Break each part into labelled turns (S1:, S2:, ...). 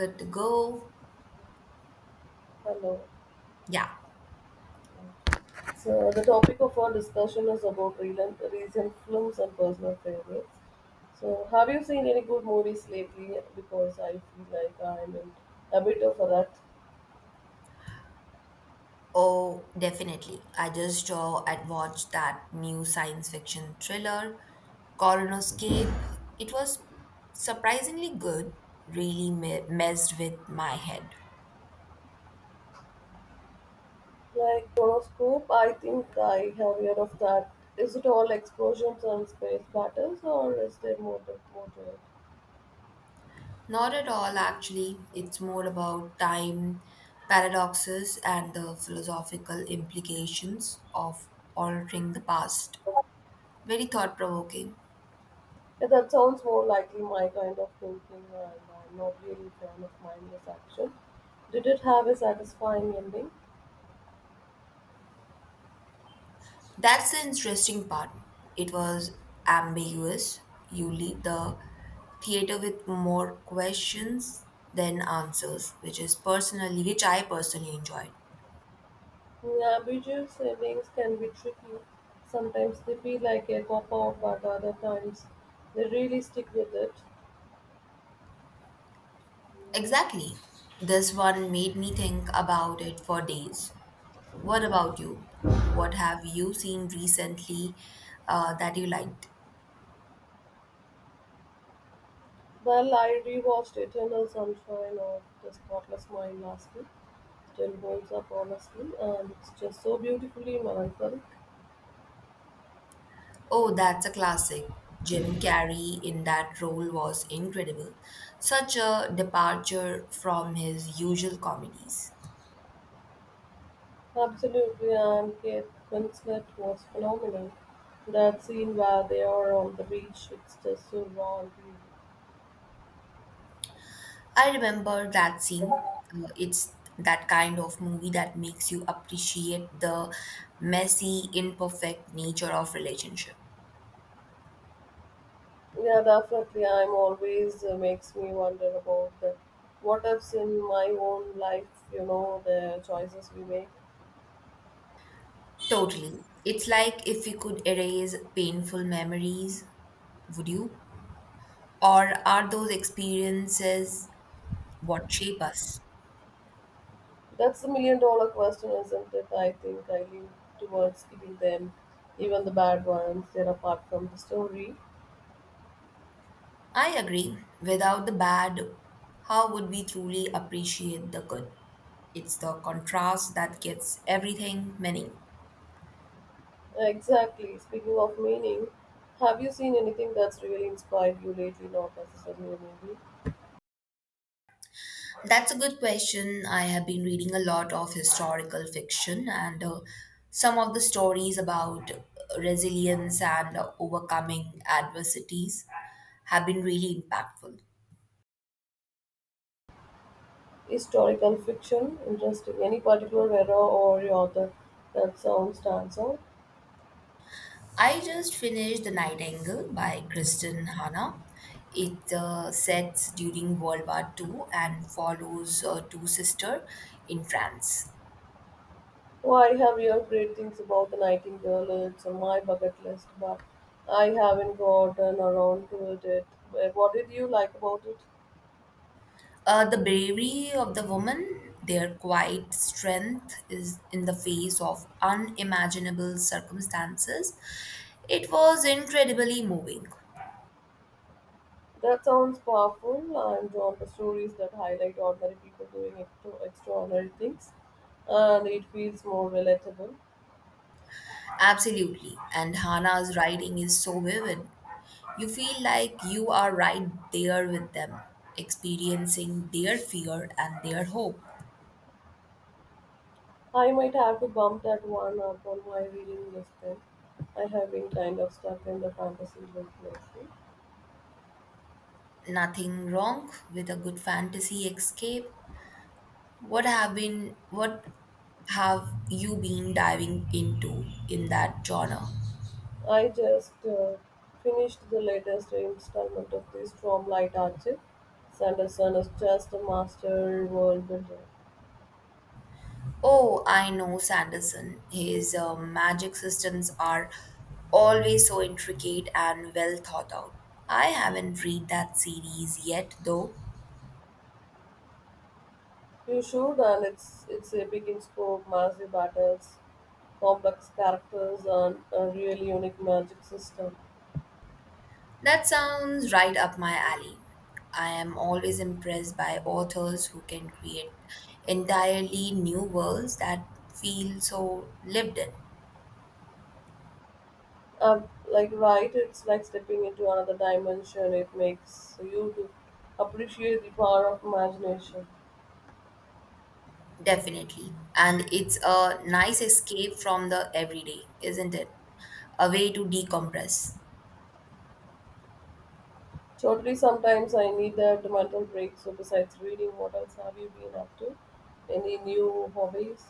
S1: Good to go.
S2: Hello.
S1: Yeah.
S2: So the topic of our discussion is about recent films and personal favorites. So have you seen any good movies lately? Because I feel like I'm in a bit of a rut.
S1: Oh, definitely. I just saw and watched that new science fiction thriller, Coronoscape. It was surprisingly good, really messed with my head.
S2: Like Chronoscope, I think I have heard of that. Is it all explosions and space battles, or is there more to it?
S1: Not at all, actually. It's more about time paradoxes and the philosophical implications of altering the past. Very thought provoking.
S2: Yeah, that sounds more likely my kind of thinking, and I'm not really a fan of mindless action. Did it have a satisfying ending?
S1: That's the interesting part. It was ambiguous. You leave the theater with more questions than answers, which I personally enjoyed.
S2: Navigative sailings can be tricky, sometimes they feel like a cop-out but other times they really stick with it.
S1: Exactly. This one made me think about it for days. What about you? What have you seen recently that you liked?
S2: Well, I rewatched Eternal Sunshine of the Spotless Mind last week. Still holds up honestly and it's just so beautifully melancholic.
S1: Oh, that's a classic. Jim Carrey in that role was incredible. Such a departure from his usual comedies.
S2: Absolutely, and Kate Winslet was phenomenal. That scene where they are on the beach, it's just so raw and real.
S1: I remember that scene. It's that kind of movie that makes you appreciate the messy, imperfect nature of relationship.
S2: Yeah, definitely. I'm always makes me wonder about the what ifs in my own life, you know, the choices we make.
S1: Totally. It's like if you could erase painful memories, would you? Or are those experiences what shape us?
S2: That's the million dollar question, isn't it? I think I lean towards keeping them, even the bad ones, they're apart from the story.
S1: I agree. Without the bad, how would we truly appreciate the good? It's the contrast that gets everything meaning.
S2: Exactly. Speaking of meaning, have you seen anything that's really inspired you lately? Not necessarily a movie.
S1: That's a good question. I have been reading a lot of historical fiction and some of the stories about resilience and overcoming adversities have been really impactful.
S2: Historical fiction, interesting. Any particular era or author that sound stands out?
S1: I just finished The Nightingale by Kristen Hanna. It sets during World War Two and follows two sisters in France.
S2: Oh, I have heard great things about the Nightingale. It's on my bucket list, but I haven't gotten around to it yet. But what did you like about it?
S1: The bravery of the woman, their quiet strength is in the face of unimaginable circumstances. It was incredibly moving.
S2: That sounds powerful. I'm drawn to stories that highlight ordinary people doing extraordinary things, and it feels more relatable.
S1: Absolutely. And Hannah's writing is so vivid. You feel like you are right there with them, experiencing their fear and their hope.
S2: I might have to bump that one up on my reading list then. I have been kind of stuck in the fantasy book lately.
S1: Nothing wrong with a good fantasy escape. What have you been diving into in that genre?
S2: I just finished the latest installment of the Stormlight Archive. Sanderson is just a master world builder.
S1: Oh, I know Sanderson. His magic systems are always so intricate and well thought out. I haven't read that series yet though.
S2: You should, and it's epic in scope, massive battles, complex characters, and a really unique magic system.
S1: That sounds right up my alley. I am always impressed by authors who can create entirely new worlds that feel so lived in.
S2: Um, like right, it's like stepping into another dimension. It makes you to appreciate the power of imagination.
S1: Definitely. And it's a nice escape from the everyday, isn't it? A way to decompress.
S2: Totally, sometimes I need that mental break. So, besides reading, what else have you been up to? Any new hobbies?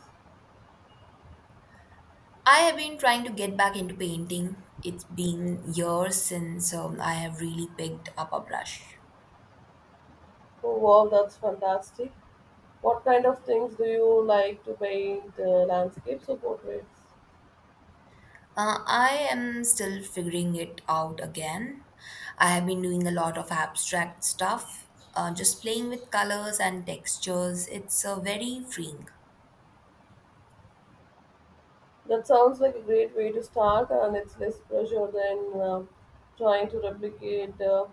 S1: I have been trying to get back into painting. It's been years since I have really picked up a brush.
S2: Oh, wow, that's fantastic. What kind of things do you like to paint, landscapes or portraits?
S1: I am still figuring it out again. I have been doing a lot of abstract stuff, just playing with colors and textures. It's very freeing.
S2: That sounds like a great way to start, and it's less pressure than um trying to replicate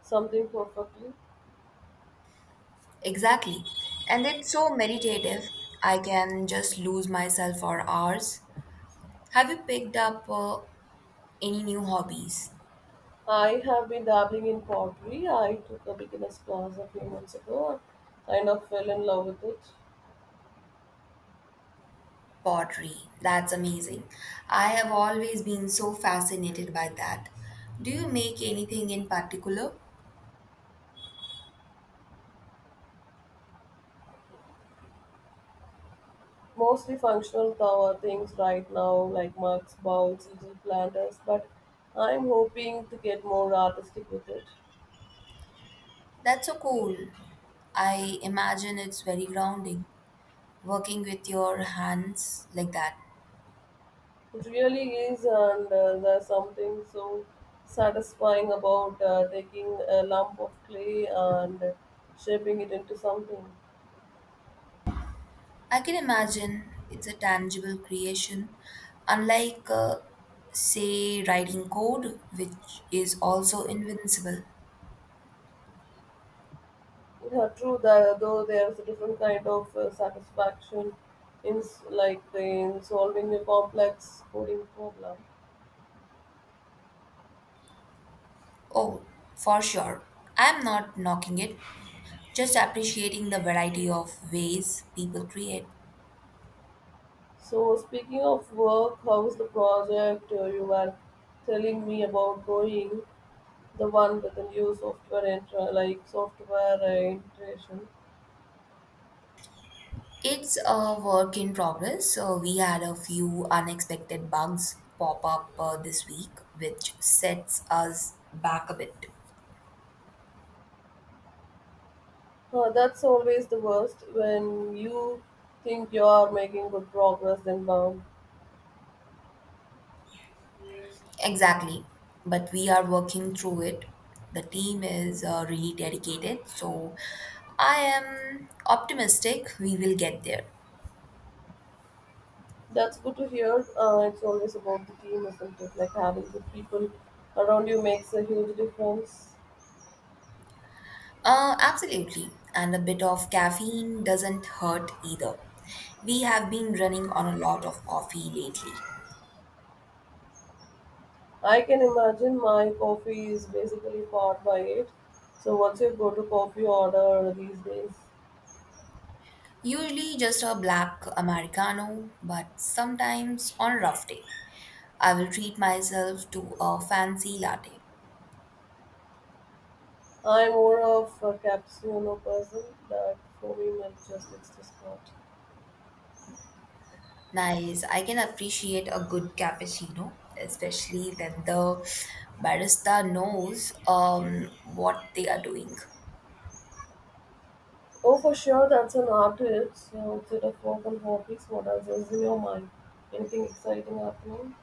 S2: something perfectly.
S1: Exactly. And it's so meditative. I can just lose myself for hours. Have you picked up any new hobbies?
S2: I have been dabbling in pottery. I took a beginner's class a few months ago and kind of fell in love with it.
S1: Pottery. That's amazing. I have always been so fascinated by that. Do you make anything in particular?
S2: Mostly functional cover things right now like mugs, bowls, little planters, but I'm hoping to get more artistic with it.
S1: That's so cool. I imagine it's very grounding working with your hands like that.
S2: It really is, and there's something so satisfying about taking a lump of clay and shaping it into something.
S1: I can imagine it's a tangible creation, unlike say, writing code, which is also invincible.
S2: Yeah, true. That, though there's a different kind of satisfaction in like in solving a complex coding problem.
S1: Oh, for sure. I'm not knocking it, just appreciating the variety of ways people create.
S2: So, speaking of work, how's the project you were telling me about going? The one with the new software and like software integration.
S1: It's a work in progress. So we had a few unexpected bugs pop up this week, which sets us back a bit.
S2: That's always the worst when you think you are making good progress, then bam.
S1: Exactly. But we are working through it. The team is really dedicated. So I am optimistic we will get there.
S2: That's good to hear. It's always about the team, isn't it? Like having good people around you makes a huge difference.
S1: Absolutely. And a bit of caffeine doesn't hurt either. We have been running on a lot of coffee lately.
S2: I can imagine my coffee is basically powered by it. So, what's your go to coffee order these days?
S1: Usually just a black Americano, but sometimes on a rough day, I will treat myself to a fancy latte.
S2: I'm more of a cappuccino person, but for me, milk just hits the spot.
S1: Nice, I can appreciate a good cappuccino, especially when the barista knows what they are doing.
S2: Oh, for sure, that's an artist. So outside of work and hobbies, what else is in your mind? Anything exciting happening?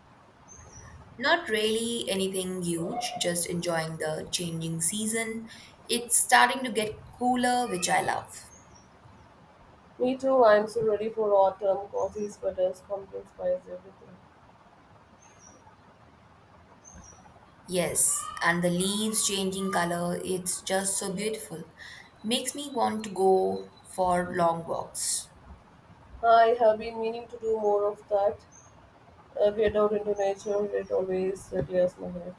S1: Not really anything huge, just enjoying the changing season. It's starting to get cooler, which I love.
S2: Me too. I'm so ready for autumn. Coffee, sweaters, pumpkin spice, everything.
S1: Yes, and the leaves changing color, it's just so beautiful. Makes me want to go for long walks.
S2: I have been meaning to do more of that. Get out into nature. It always clears my head.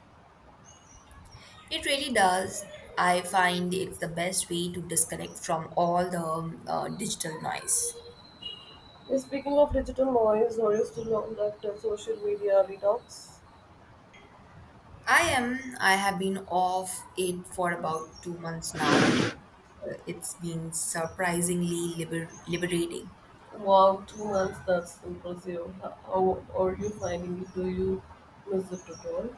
S1: It really does. I find it's the best way to disconnect from all the digital noise.
S2: Speaking of digital noise, are you still on that social media detox?
S1: I am, I have been off it for about 2 months now. It's been surprisingly liberating.
S2: Wow, 2 months, that's impressive. How are you finding it? Do you miss it at all?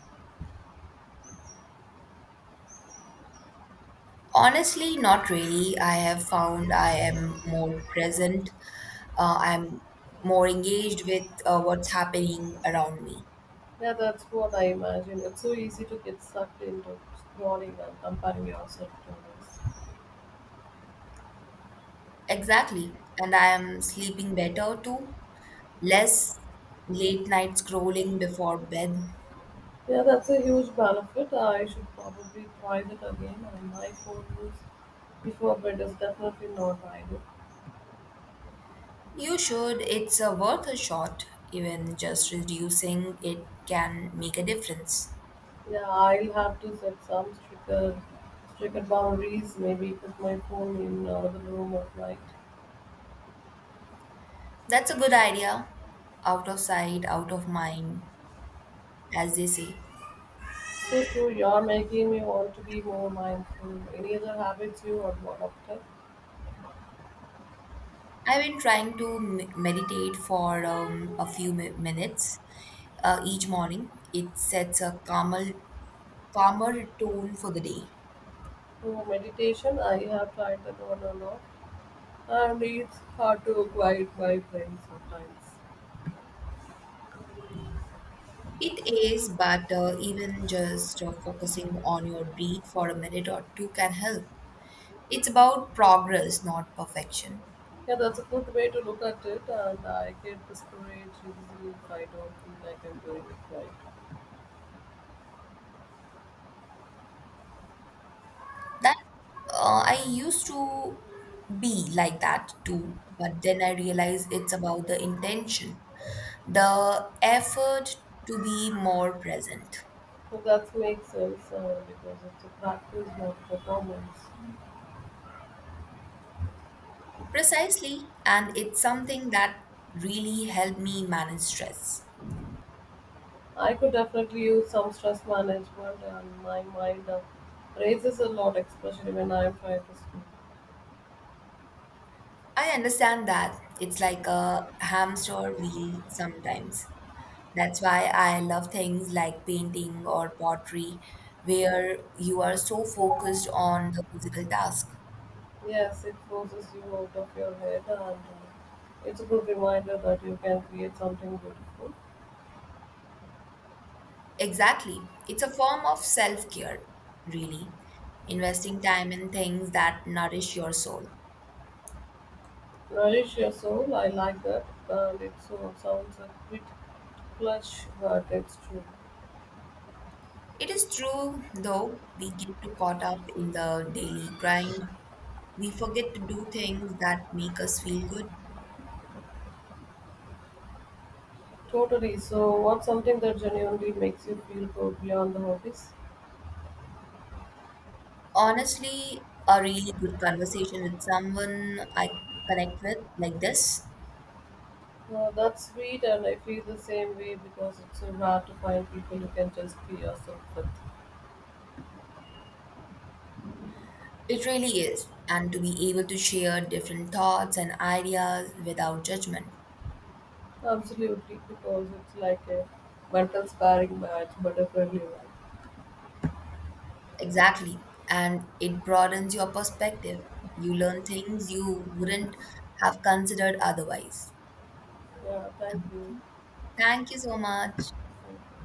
S1: Honestly, not really. I have found I am more present I'm more engaged with what's happening around me.
S2: Yeah, that's what I imagine. It's so easy to get sucked into scrolling and comparing yourself to others.
S1: Exactly. And I am sleeping better too. Less late night scrolling before bed.
S2: Yeah, that's a huge benefit. I should probably try that again. And my phone use before bed is definitely not ideal.
S1: You should. It's worth a shot. Even just reducing it can make a difference.
S2: Yeah, I'll have to set some stricter boundaries. Maybe put my phone in another room at night.
S1: That's a good idea. Out of sight, out of mind, as they say.
S2: So true, you're making me want to be more mindful. Any other habits you have developed?
S1: I've been trying to meditate for a few minutes each morning. It sets a calmer tone for the day.
S2: Oh, meditation, I have tried that one a lot, and it's hard to quiet my brain sometimes.
S1: It is, but even just focusing on your breath for a minute or two can help. It's about progress, not perfection.
S2: Yeah, that's a good way to look at it, and I get discouraged easily if I don't feel like I'm doing it right.
S1: That I used to be like that too, but then I realized it's about the intention, the effort to be more present.
S2: So that makes sense because it's a practice, not performance.
S1: Precisely, and it's something that really helped me manage stress.
S2: I could definitely use some stress management, and my mind raises a lot, especially when I'm trying to sleep.
S1: I understand that. It's like a hamster wheel sometimes. That's why I love things like painting or pottery, where you are so focused on the physical task.
S2: Yes, it forces you out of your head, and it's a good reminder that you can create something beautiful.
S1: Exactly. It's a form of self care, really. Investing time in things that nourish your soul.
S2: Nourish your soul, I like that, and it so sounds a bit clutch, but it's true.
S1: It is true, though, we get too caught up in the daily grind. We forget to do things that make us feel good.
S2: Totally. So, what's something that genuinely makes you feel good beyond the hobbies?
S1: Honestly, a really good conversation with someone I connect with like this,
S2: Well, that's sweet, and I feel the same way because it's so hard to find people who can just be yourself with.
S1: it really is. And to be able to share different thoughts and ideas without judgment.
S2: Absolutely, because it's like a mental sparring match, but a friendly one.
S1: Exactly. And it broadens your perspective. You learn things you wouldn't have considered otherwise.
S2: Yeah, thank you.
S1: Thank you so much.
S2: Thank you.